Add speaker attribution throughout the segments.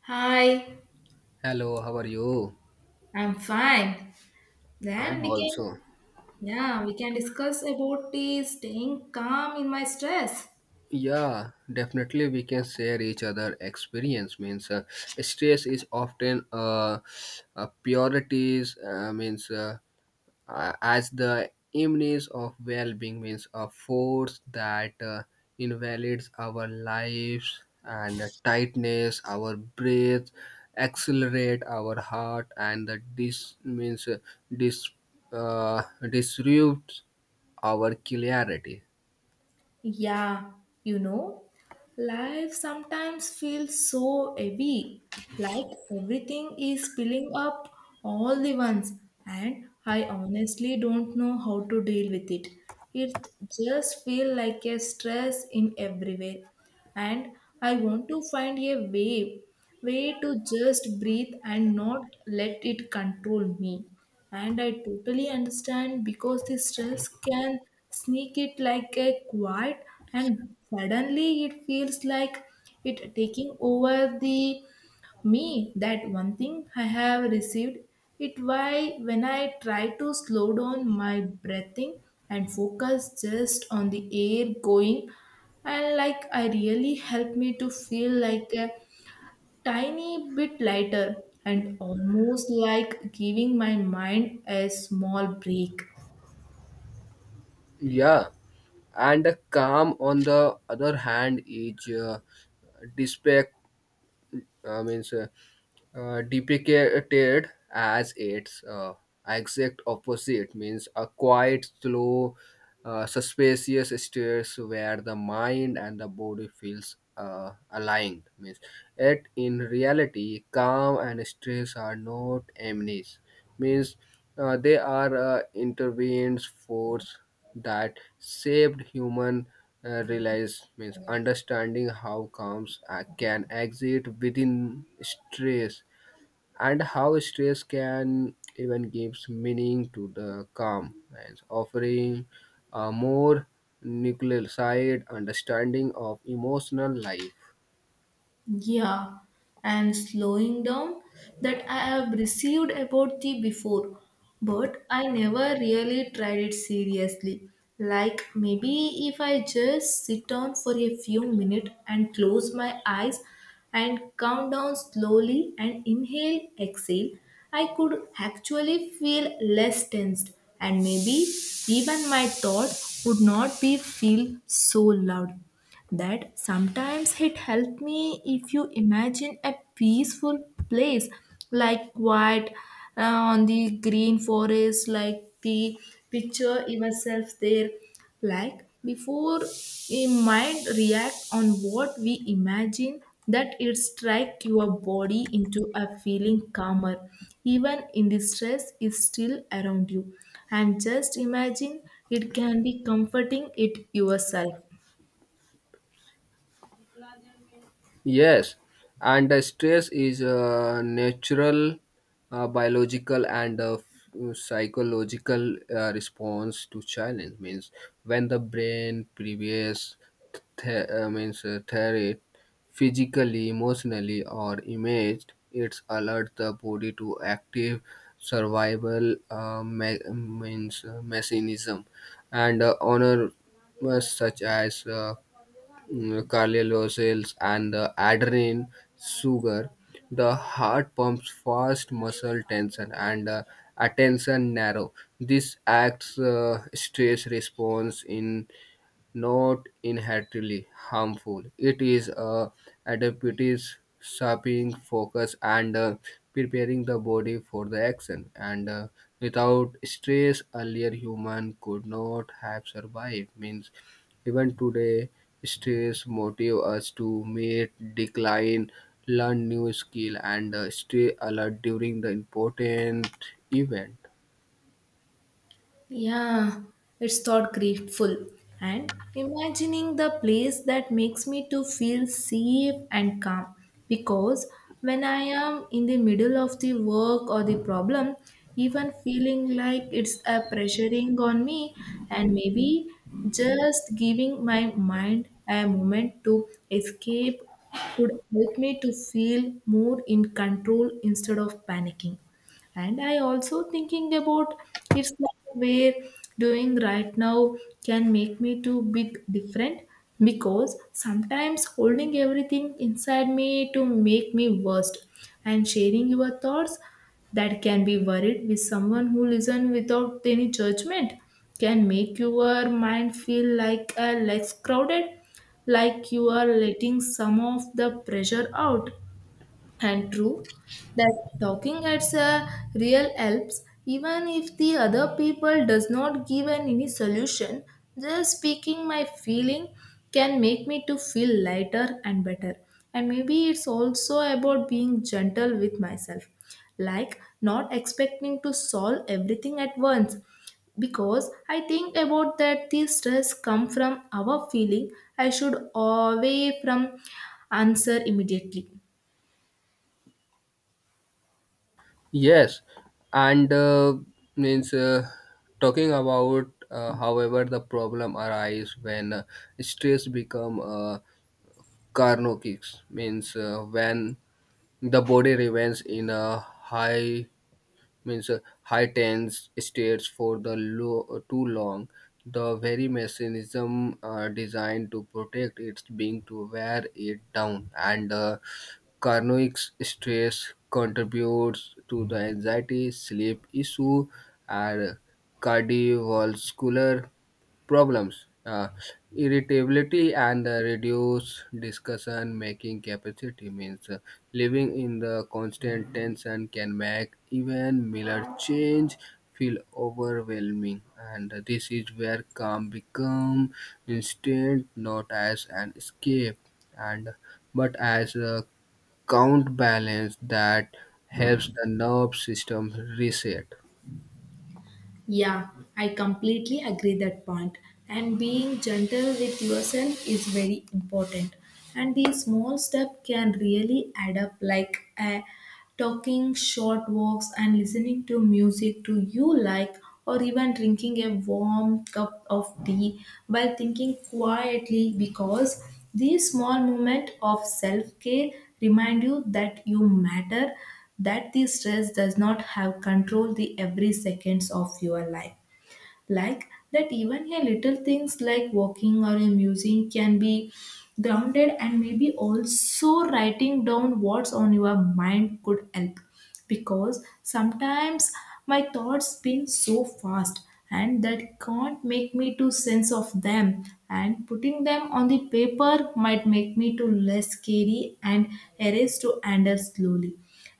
Speaker 1: Hi,
Speaker 2: Hello, how are you?
Speaker 1: I'm fine. Then
Speaker 2: I'm
Speaker 1: we can,
Speaker 2: also.
Speaker 1: yeah, we can discuss about the staying calm in my stress.
Speaker 2: Yeah, definitely we can share each other experience. Means stress is often purities. Means as the image of well-being means a force that invalidates our lives and tightness our breath accelerate our heart and the dis means dis uh, disrupts our clarity.
Speaker 1: Yeah, you know, life sometimes feels so heavy, like everything is spilling up all the once, and I honestly don't know how to deal with it. It just feels like a stress in everywhere, and I want to find a way, way to just breathe and not let it control me. And I totally understand because the stress can sneak it like a quiet, and suddenly it feels like it taking over the me. That one thing I have received it why when I try to slow down my breathing and focus just on the air going and like I really helped me to feel like a tiny bit lighter and almost like giving my mind a small break.
Speaker 2: Yeah. And the calm on the other hand is despair, means depicted as its exact opposite means a quiet slow suspicious states where the mind and the body feels aligned. Means yet in reality calm and stress are not enemies, means they are intervened force that shaped human realize, means understanding how calms can exist within stress, and how stress can even gives meaning to the calm, and offering a more nuclear side understanding of emotional life.
Speaker 1: Yeah, and slowing down that I have received about the before, but I never really tried it seriously. Like maybe if I just sit down for a few minutes and close my eyes and count down slowly and inhale, exhale, I could actually feel less tensed and maybe even my thought would not be feel so loud that sometimes it helped me if you imagine a peaceful place like quiet, on the green forest like the picture yourself there like before a mind react on what we imagine that it strike your body into a feeling calmer even in the stress is still around you, and just imagine it can be comforting it yourself.
Speaker 2: Yes, and the stress is natural, biological, and psychological response to challenge. Means when the brain previous means threat physically, emotionally, or imaged, it's alert the body to active survival means mechanism, and honor such as Carlisle cells and the adrenaline sugar. The heart pumps fast muscle tension and attention narrow. This acts stress response in not inherently harmful. It is a adaptive sharpening focus and preparing the body for the action. And without stress, earlier human could not have survived. Means even today, stress motive us to meet decline, learn new skill, and stay alert during the important event.
Speaker 1: Yeah, it's thought grateful. And imagining the place that makes me to feel safe and calm. Because when I am in the middle of the work or the problem, even feeling like it's a pressuring on me and maybe just giving my mind a moment to escape could help me to feel more in control instead of panicking, and I also thinking about it's like where doing right now can make me too big different, because sometimes holding everything inside me to make me worst, and sharing your thoughts that can be worried with someone who listen without any judgment can make your mind feel like a less crowded, like you are letting some of the pressure out. And true that talking at a real helps even if the other people does not give an any solution, just speaking my feeling can make me to feel lighter and better, and maybe it's also about being gentle with myself, like not expecting to solve everything at once, because I think about that the stress come from our feeling I should away from answer immediately.
Speaker 2: Yes, and means talking about, however, the problem arise when stress become carnotics, means when the body remains in a high means high tense states for the low, too long. The very mechanism designed to protect its being to wear it down, and the carnoic stress contributes to the anxiety, sleep issue, and cardiovascular problems, irritability, and reduce discussion making capacity. Means living in the constant tension can make even minor change feel overwhelming, and this is where calm become instant, not as an escape, and but as a counterbalance that helps the nerve system reset.
Speaker 1: Yeah, I completely agree that point. And being gentle with yourself is very important. And these small steps can really add up, like talking short walks and listening to music to you like, or even drinking a warm cup of tea while thinking quietly. Because these small moments of self care remind you that you matter, that the stress does not have control the every seconds of your life, like that even a little things like walking or a music can be grounded. And maybe also writing down what's on your mind could help, because sometimes my thoughts spin so fast and that can't make me to sense of them, and putting them on the paper might make me to less scary and erase to handle slowly.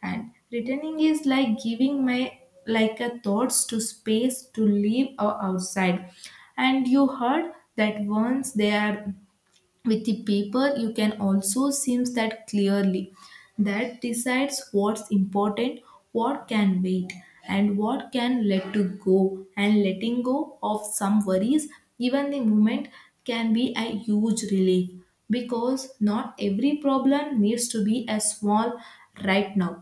Speaker 1: And returning is like giving my like a thoughts to space to leave or outside, and you heard that once they are with the paper you can also seems that clearly, that decides what's important, what can wait, and what can let to go. And letting go of some worries even the moment can be a huge relief, because not every problem needs to be as small right now.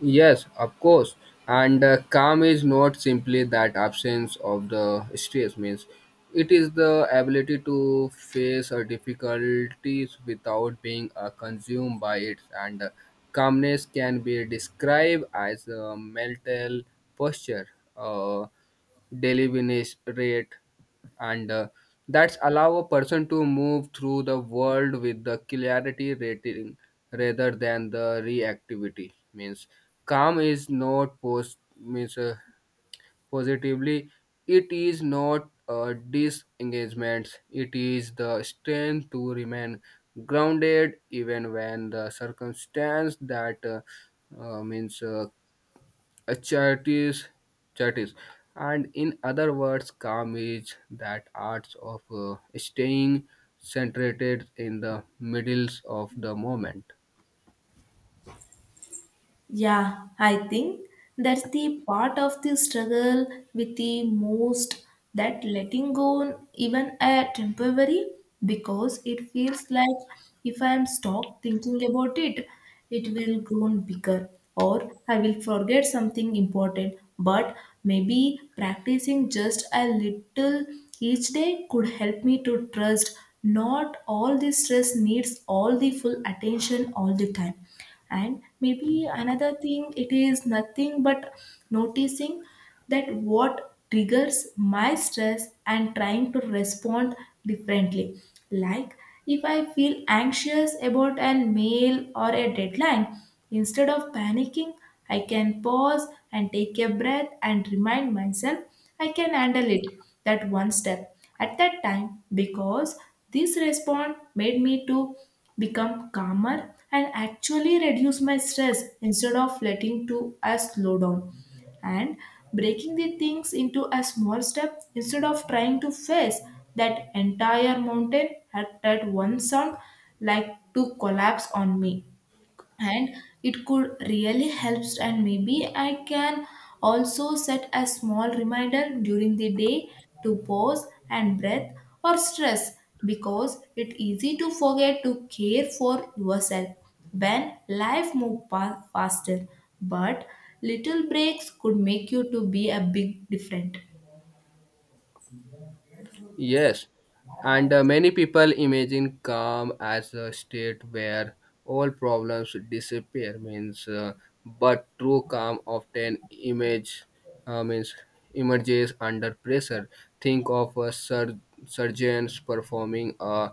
Speaker 2: Yes, of course. And calm is not simply that absence of the stress, means it is the ability to face our difficulties without being consumed by it. And calmness can be described as a mental posture, uh, deliberate, and that's allow a person to move through the world with the clarity rating rather than the reactivity, means calm is not post, means positively it is not disengagement, it is the strength to remain grounded even when the circumstance that means a charities charities and in other words calm is that arts of staying centered in the middles of the moment.
Speaker 1: Yeah, I think that's the part of the struggle with the most, that letting go, even a temporary, because it feels like if I am stopped thinking about it, it will grow bigger or I will forget something important. But maybe practicing just a little each day could help me to trust not all the stress needs all the full attention all the time. And maybe another thing it is nothing but noticing that what triggers my stress and trying to respond differently, like if I feel anxious about an mail or a deadline, instead of panicking I can pause and take a breath and remind myself I can handle it, that one step at that time, because this response made me to become calmer and actually reduce my stress instead of letting to a slow down. And breaking the things into a small step instead of trying to face that entire mountain at that one sound, like to collapse on me, and it could really helps. And maybe I can also set a small reminder during the day to pause and breath or stress, because it's easy to forget to care for yourself when life move faster, but little breaks could make you to be a big different.
Speaker 2: Yes, and many people imagine calm as a state where all problems disappear, means, but true calm often image, means emerges under pressure. Think of a surgeons performing a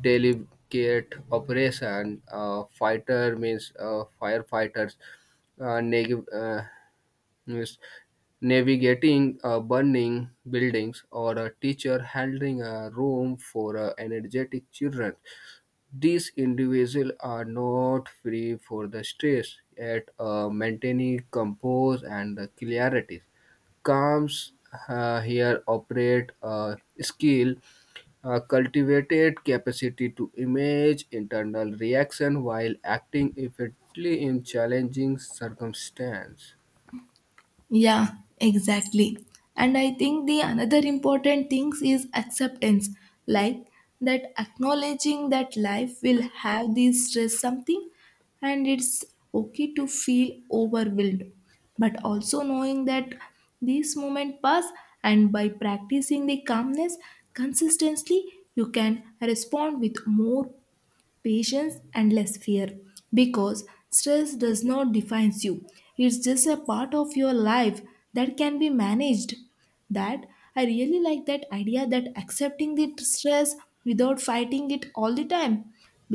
Speaker 2: delicate operation. A fighter means firefighters uh, neg- uh, Yes. Navigating burning buildings or a teacher handling a room for energetic children. These individuals are not free for the stress at maintaining compose and clarity. Calms here operate a skill, a cultivated capacity to image internal reaction while acting effectively in challenging circumstances.
Speaker 1: Yeah, exactly. And I think the another important things is acceptance, like that acknowledging that life will have these stress something, and it's okay to feel overwhelmed, but also knowing that these moment pass, and by practicing the calmness consistently you can respond with more patience and less fear, because stress does not define you, it's just a part of your life that can be managed. That I really like that idea, that accepting the stress without fighting it all the time,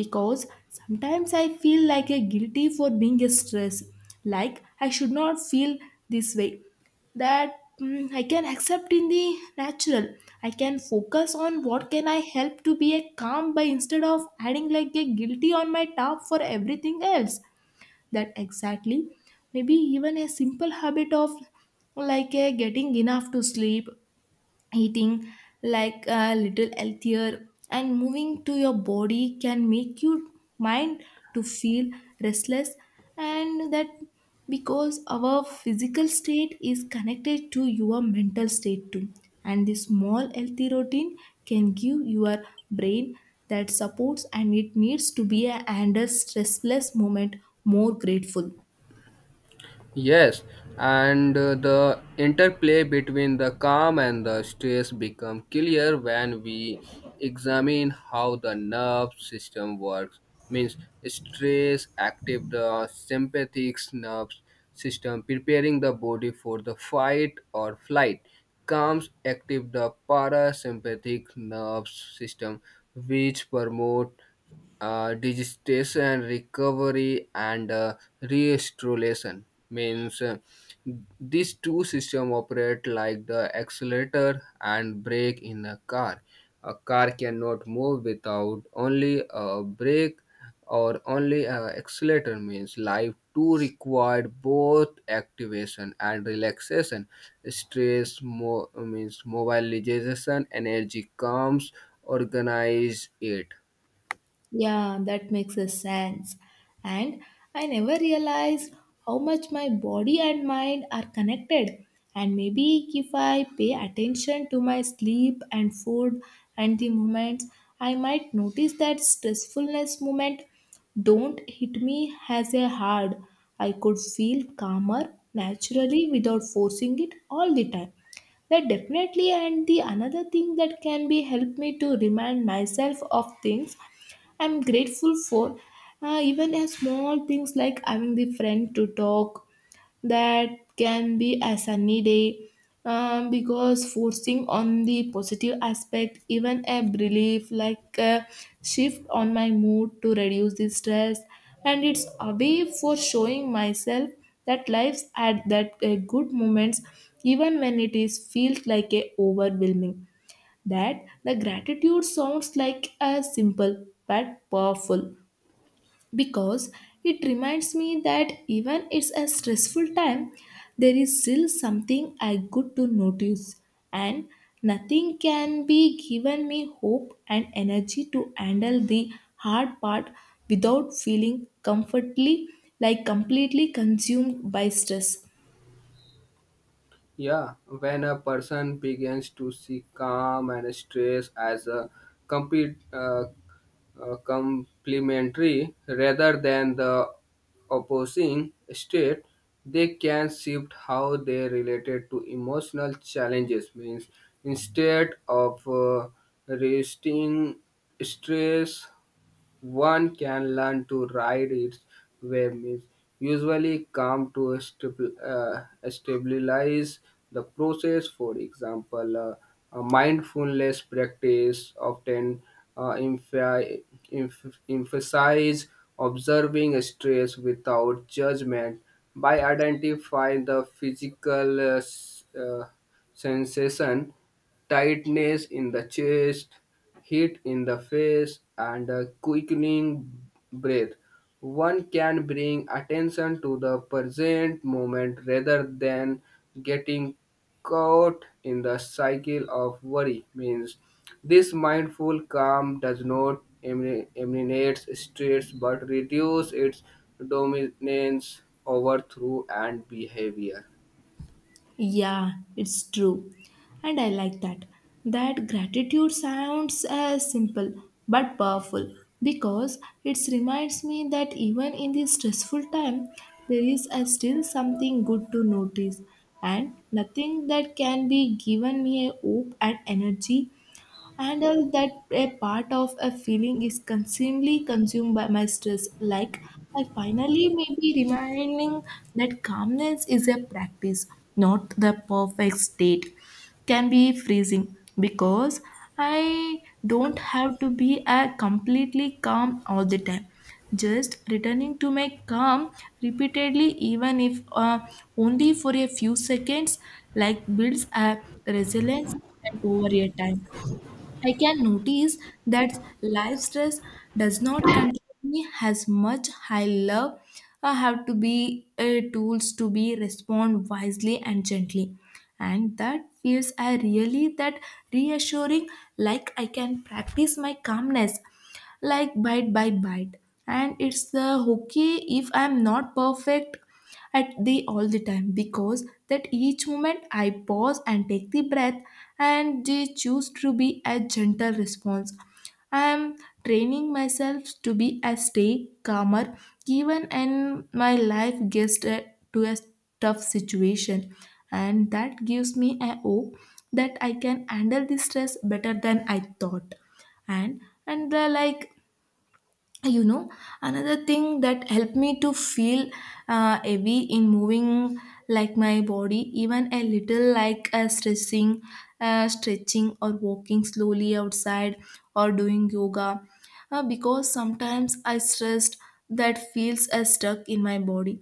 Speaker 1: because sometimes I feel like a guilty for being stressed, like I should not feel this way. That I can accept in the natural, I can focus on what can I help to be a calm by, instead of adding like a guilty on my top for everything else. That exactly, maybe even a simple habit of like a getting enough to sleep, eating like a little healthier, and moving to your body can make your mind to feel restless. And that, because our physical state is connected to your mental state too, and this small healthy routine can give your brain that supports and it needs to be a and a stressless moment more grateful.
Speaker 2: Yes, and the interplay between the calm and the stress become clear when we examine how the nerve system works. Means stress active the sympathetic nerve system, preparing the body for the fight or flight. Calms active the parasympathetic nerve system, which promote digestion recovery and restoration, means these two systems operate like the accelerator and brake in a car. A car cannot move without only a brake or only a accelerator, means life too required both activation and relaxation. Stress means mobilization energy comes organize it.
Speaker 1: Yeah, that makes a sense. And I never realized how much my body and mind are connected. And maybe if I pay attention to my sleep and food and the movements, I might notice that stressfulness moment don't hit me as a hard. I could feel calmer naturally without forcing it all the time. That definitely, and the another thing that can be help me to remind myself of things I'm grateful for, even as small things like having the friend to talk, that can be a sunny day. Because forcing on the positive aspect even a relief like a shift on my mood to reduce the stress, and it's a way for showing myself that life's at that, good moments even when it is feels like a overwhelming. That the gratitude sounds like a simple but powerful, because it reminds me that even it's a stressful time there is still something I good to notice, and nothing can be given me hope and energy to handle the hard part without feeling comfortably, like completely consumed by stress.
Speaker 2: Yeah, when a person begins to see calm and stress as a complete, complementary rather than the opposing state, they can shift how they related to emotional challenges. Means instead of resisting stress one can learn to ride its waves. Usually calm to stabilize the process. For example, a mindfulness practice often uh, emph- emphasize observing stress without judgment by identifying the physical sensation, tightness in the chest, heat in the face, and a quickening breath. One can bring attention to the present moment rather than getting caught in the cycle of worry. Means this mindful calm does not eliminate stress but reduce its dominance over through and behavior.
Speaker 1: Yeah, it's true. And I like that. That gratitude sounds simple but powerful, because it reminds me that even in this stressful time, there is, still something good to notice, and nothing that can be given me a hope and energy, and all that a part of a feeling is consumingly consumed by my stress. Like I finally may be reminding that calmness is a practice, not the perfect state can be freezing, because I don't have to be a completely calm all the time, just returning to my calm repeatedly even if only for a few seconds, like builds a resilience. And over a time I can notice that life stress does not control me as much. I love I have to be tools to be respond wisely and gently, and that feels I really that reassuring. Like I can practice my calmness, like bite by bite, and it's okay if I'm not perfect at the all the time, because that each moment I pause and take the breath and they choose to be a gentle response. I am training myself to be a stay calmer even in my life gets to a tough situation, and that gives me a hope that I can handle the stress better than I thought. And they like you know another thing that helped me to feel heavy in moving, like my body, even a little like stressing, stretching or walking slowly outside or doing yoga. Because sometimes I stressed that feels stuck in my body,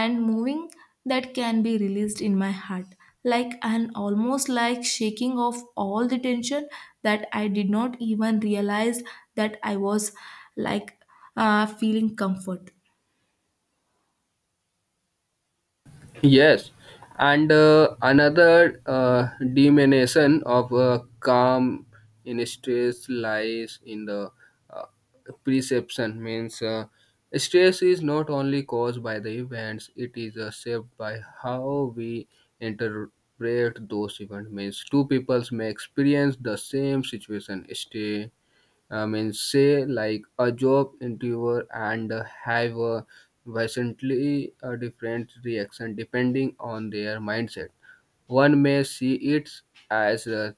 Speaker 1: and moving that can be released in my heart, like, and almost like shaking off all the tension that I did not even realize that I was, like, feeling comfort.
Speaker 2: Yes, and another diminution of calm in stress lies in the uh, perception. Means stress is not only caused by the events; it is shaped by how we interpret those events. Means two peoples may experience the same situation, I mean, say like a job interviewer, and have a vastly a different reaction depending on their mindset. One may see it as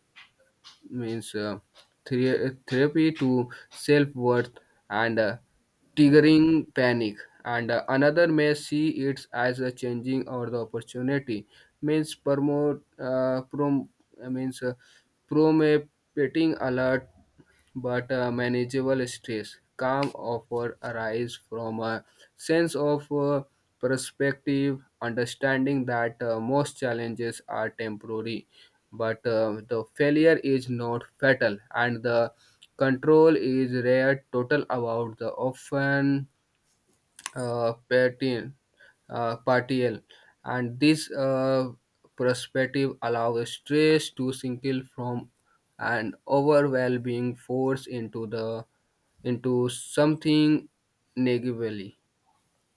Speaker 2: means therapy to self-worth and triggering panic, and another may see it as a changing or the opportunity, means promote prom means promoting alert but manageable stress calm offer arise from a sense of perspective, understanding that most challenges are temporary but the failure is not fatal, and the control is rare total about the often uh, patin, partial, and this perspective allows stress to single from an overwhelming force into the into something negatively.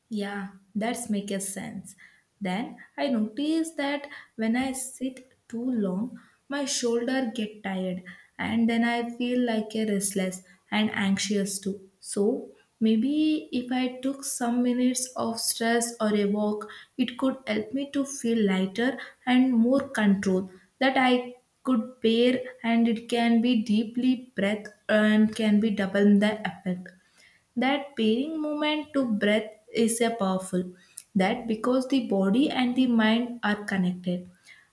Speaker 1: Yeah, that's make a sense. Then I notice that when I sit too long, my shoulder get tired, and then I feel like a restless and anxious too. So maybe if I took some minutes of stress or a walk, it could help me to feel lighter and more control that I could bear, and it can be deeply breath and can be double the effect. That pairing movement to breath is a powerful. That because the body and the mind are connected.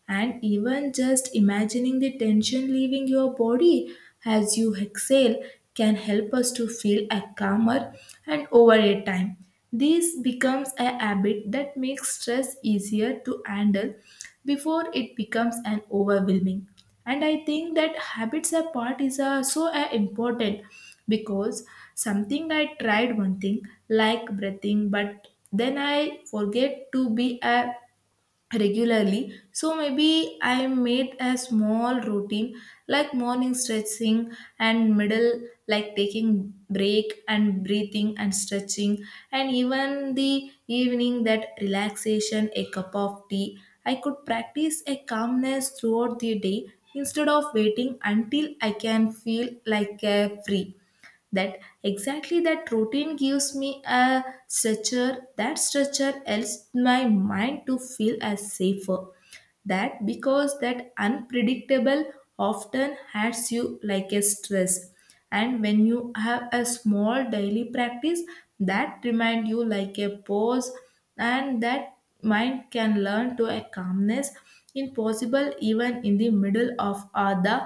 Speaker 1: And even just imagining the tension leaving your body as you exhale can help us to feel a calmer and over a time. This becomes a habit that makes stress easier to handle before it becomes an overwhelming. And I think that habits apart part is so important because something I tried one thing like breathing, but then I forget to be a regularly, so maybe I made a small routine like morning stretching and middle like taking break and breathing and stretching, and even the evening that relaxation a cup of tea, I could practice a calmness throughout the day instead of waiting until I can feel like a free. That exactly that routine gives me a structure, that structure helps my mind to feel as safer, that because that unpredictable often hurts you like a stress, and when you have a small daily practice that remind you like a pause, and that mind can learn to a calmness impossible even in the middle of the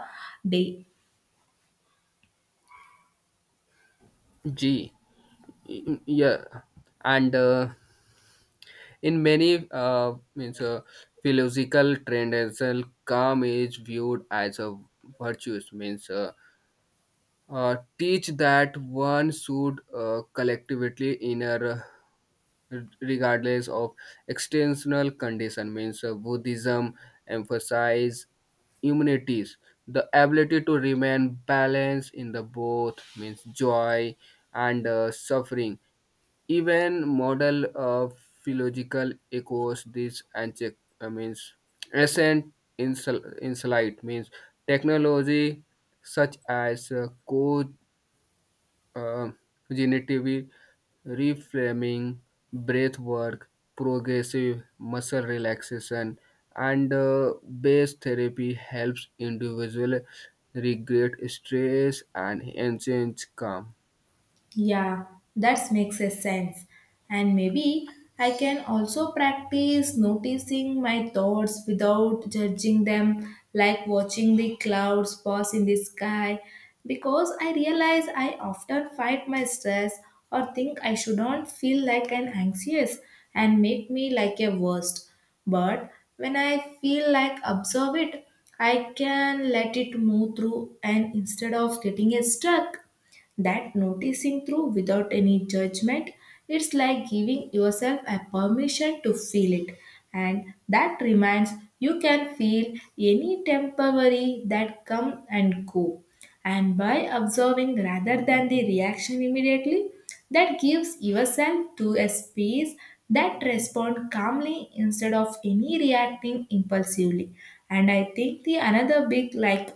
Speaker 1: day.
Speaker 2: G Yeah, and in many means philosophical trends, calm is viewed as a virtue. Means teach that one should collectively inner, regardless of external condition, means buddhism emphasize immunities, the ability to remain balanced in the both means joy and suffering. Even model of philological echoes this and check, means recent insight, means technology such as code uh, generative reframing, breath work, progressive muscle relaxation, and base therapy helps individual regret stress and enhance calm.
Speaker 1: Yeah, that makes a sense. And maybe I can also practice noticing my thoughts without judging them, like watching the clouds pass in the sky, because I realize I often fight my stress or think I shouldn't feel like an anxious and make me like a worst. But when I feel like observe it, I can let it move through and instead of getting it stuck, that noticing through without any judgment, it's like giving yourself a permission to feel it, and that reminds you can feel any temporary that come and go, and by observing rather than the reaction immediately, that gives yourself to a space that respond calmly instead of any reacting impulsively. And I think the another big, like,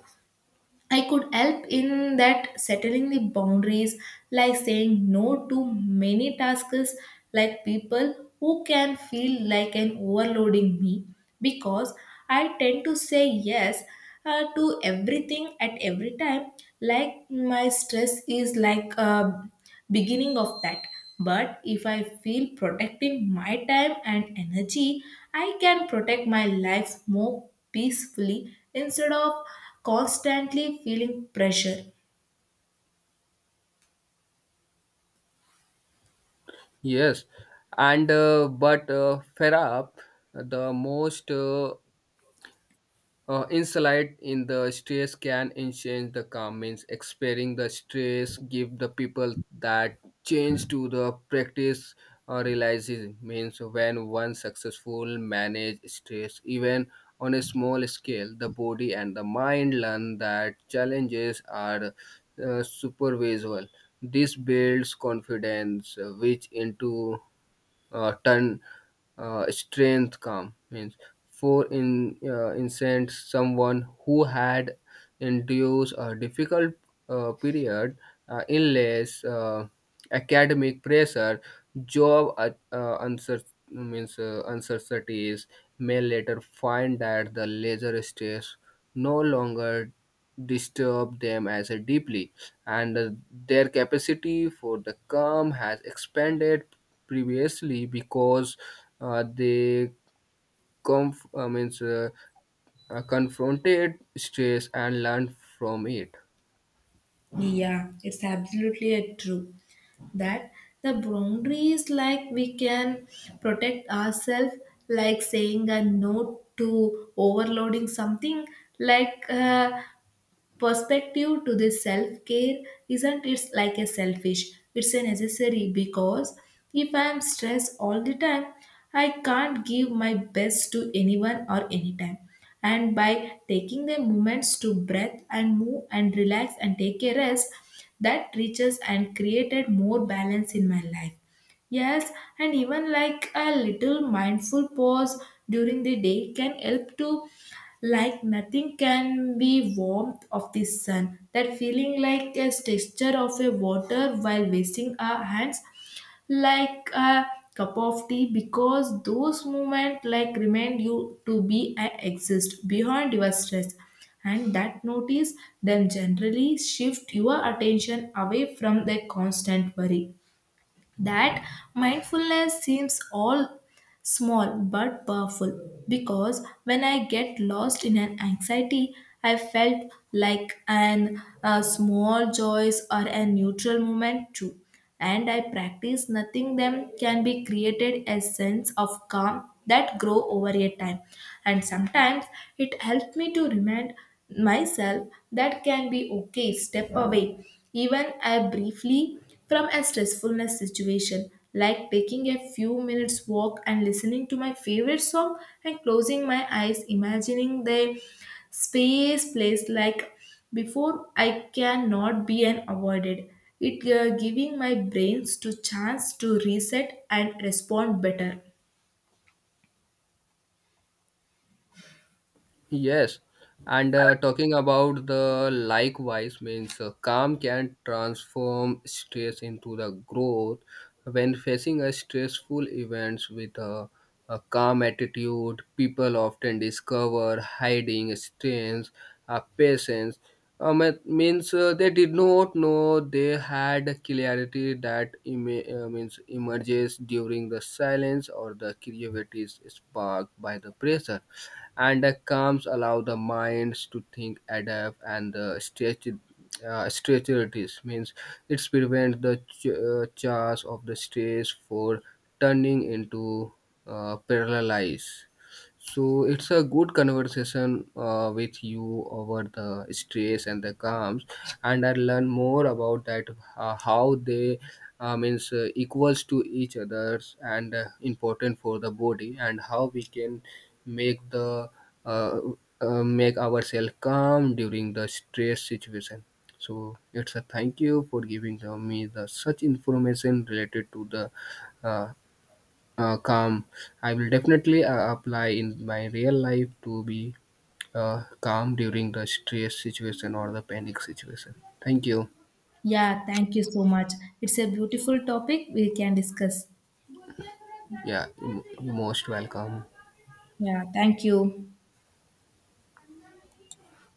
Speaker 1: I could help in that settling the boundaries, like saying no to many tasks, like people who can feel like an overloading me, because I tend to say yes to everything at every time, like my stress is like a beginning of that. But if I feel protecting my time and energy, I can protect my life more peacefully instead of constantly feeling pressure.
Speaker 2: Yes, and but Ferap, the most insight in the stress can enhance the calm, means experiencing the stress give the people that change to the practice realizes, means when one successful manage stress even on a small scale the body and the mind learn that challenges are supervisable. This builds confidence which into ton strength calm, means for in instance someone who had endured a difficult period, illness, academic pressure, job means uncertainties may later find that the leisure stress no longer disturb them as a deeply, and their capacity for the calm has expanded previously because they conf- uh, means, uh, confronted stress and learned from it.
Speaker 1: Yeah, it's absolutely a true that the boundary is like we can protect ourselves, like saying a no to overloading something, like perspective to this self care isn't, it's like a selfish, it's a necessary, because if I am stressed all the time I can't give my best to anyone or anytime, and by taking the moments to breath and move and relax and take a rest, that reaches and created more balance in my life. Yes, and even like a little mindful pause during the day can help to, like, nothing can be warmth of the sun, that feeling like a texture of a water while wasting our hands, like a cup of tea, because those moments like remind you to be and exist beyond your stress, and that notice them generally shift your attention away from the constant worry. That mindfulness seems all small but powerful because when I get lost in an anxiety I felt like an a small joys or a neutral moment too, and I practice nothing them can be created a sense of calm that grow over a time. And sometimes it helped me to remind myself that can be okay step away, even I briefly, from a stressfulness situation, like taking a few minutes walk and listening to my favorite song and closing my eyes, imagining the space place like before I cannot be an avoided. It giving my brains to chance to reset and respond better.
Speaker 2: Yes, and talking about the likewise, means calm can transform stress into the growth. When facing a stressful events with a calm attitude, people often discover hiding strengths, patience. It means they did not know they had clarity that means emerges during the silence, or the creativity is sparked by the pressure, and the calms allow the minds to think, adapt, and the stretch. Stretch it is, means it prevents the charge of the stress for turning into paralysis. So it's a good conversation with you over the stress and the calms, and I learn more about that how they means equals to each others and important for the body and how we can make the uh, make ourselves calm during the stress situation. So it's a thank you for giving the, me the such information related to the uh, calm. I will definitely apply in my real life to be calm during the stress situation or the panic situation. Thank you.
Speaker 1: Yeah, thank you so much. It's a beautiful topic we can discuss.
Speaker 2: Yeah, you're most welcome.
Speaker 1: Yeah, thank you.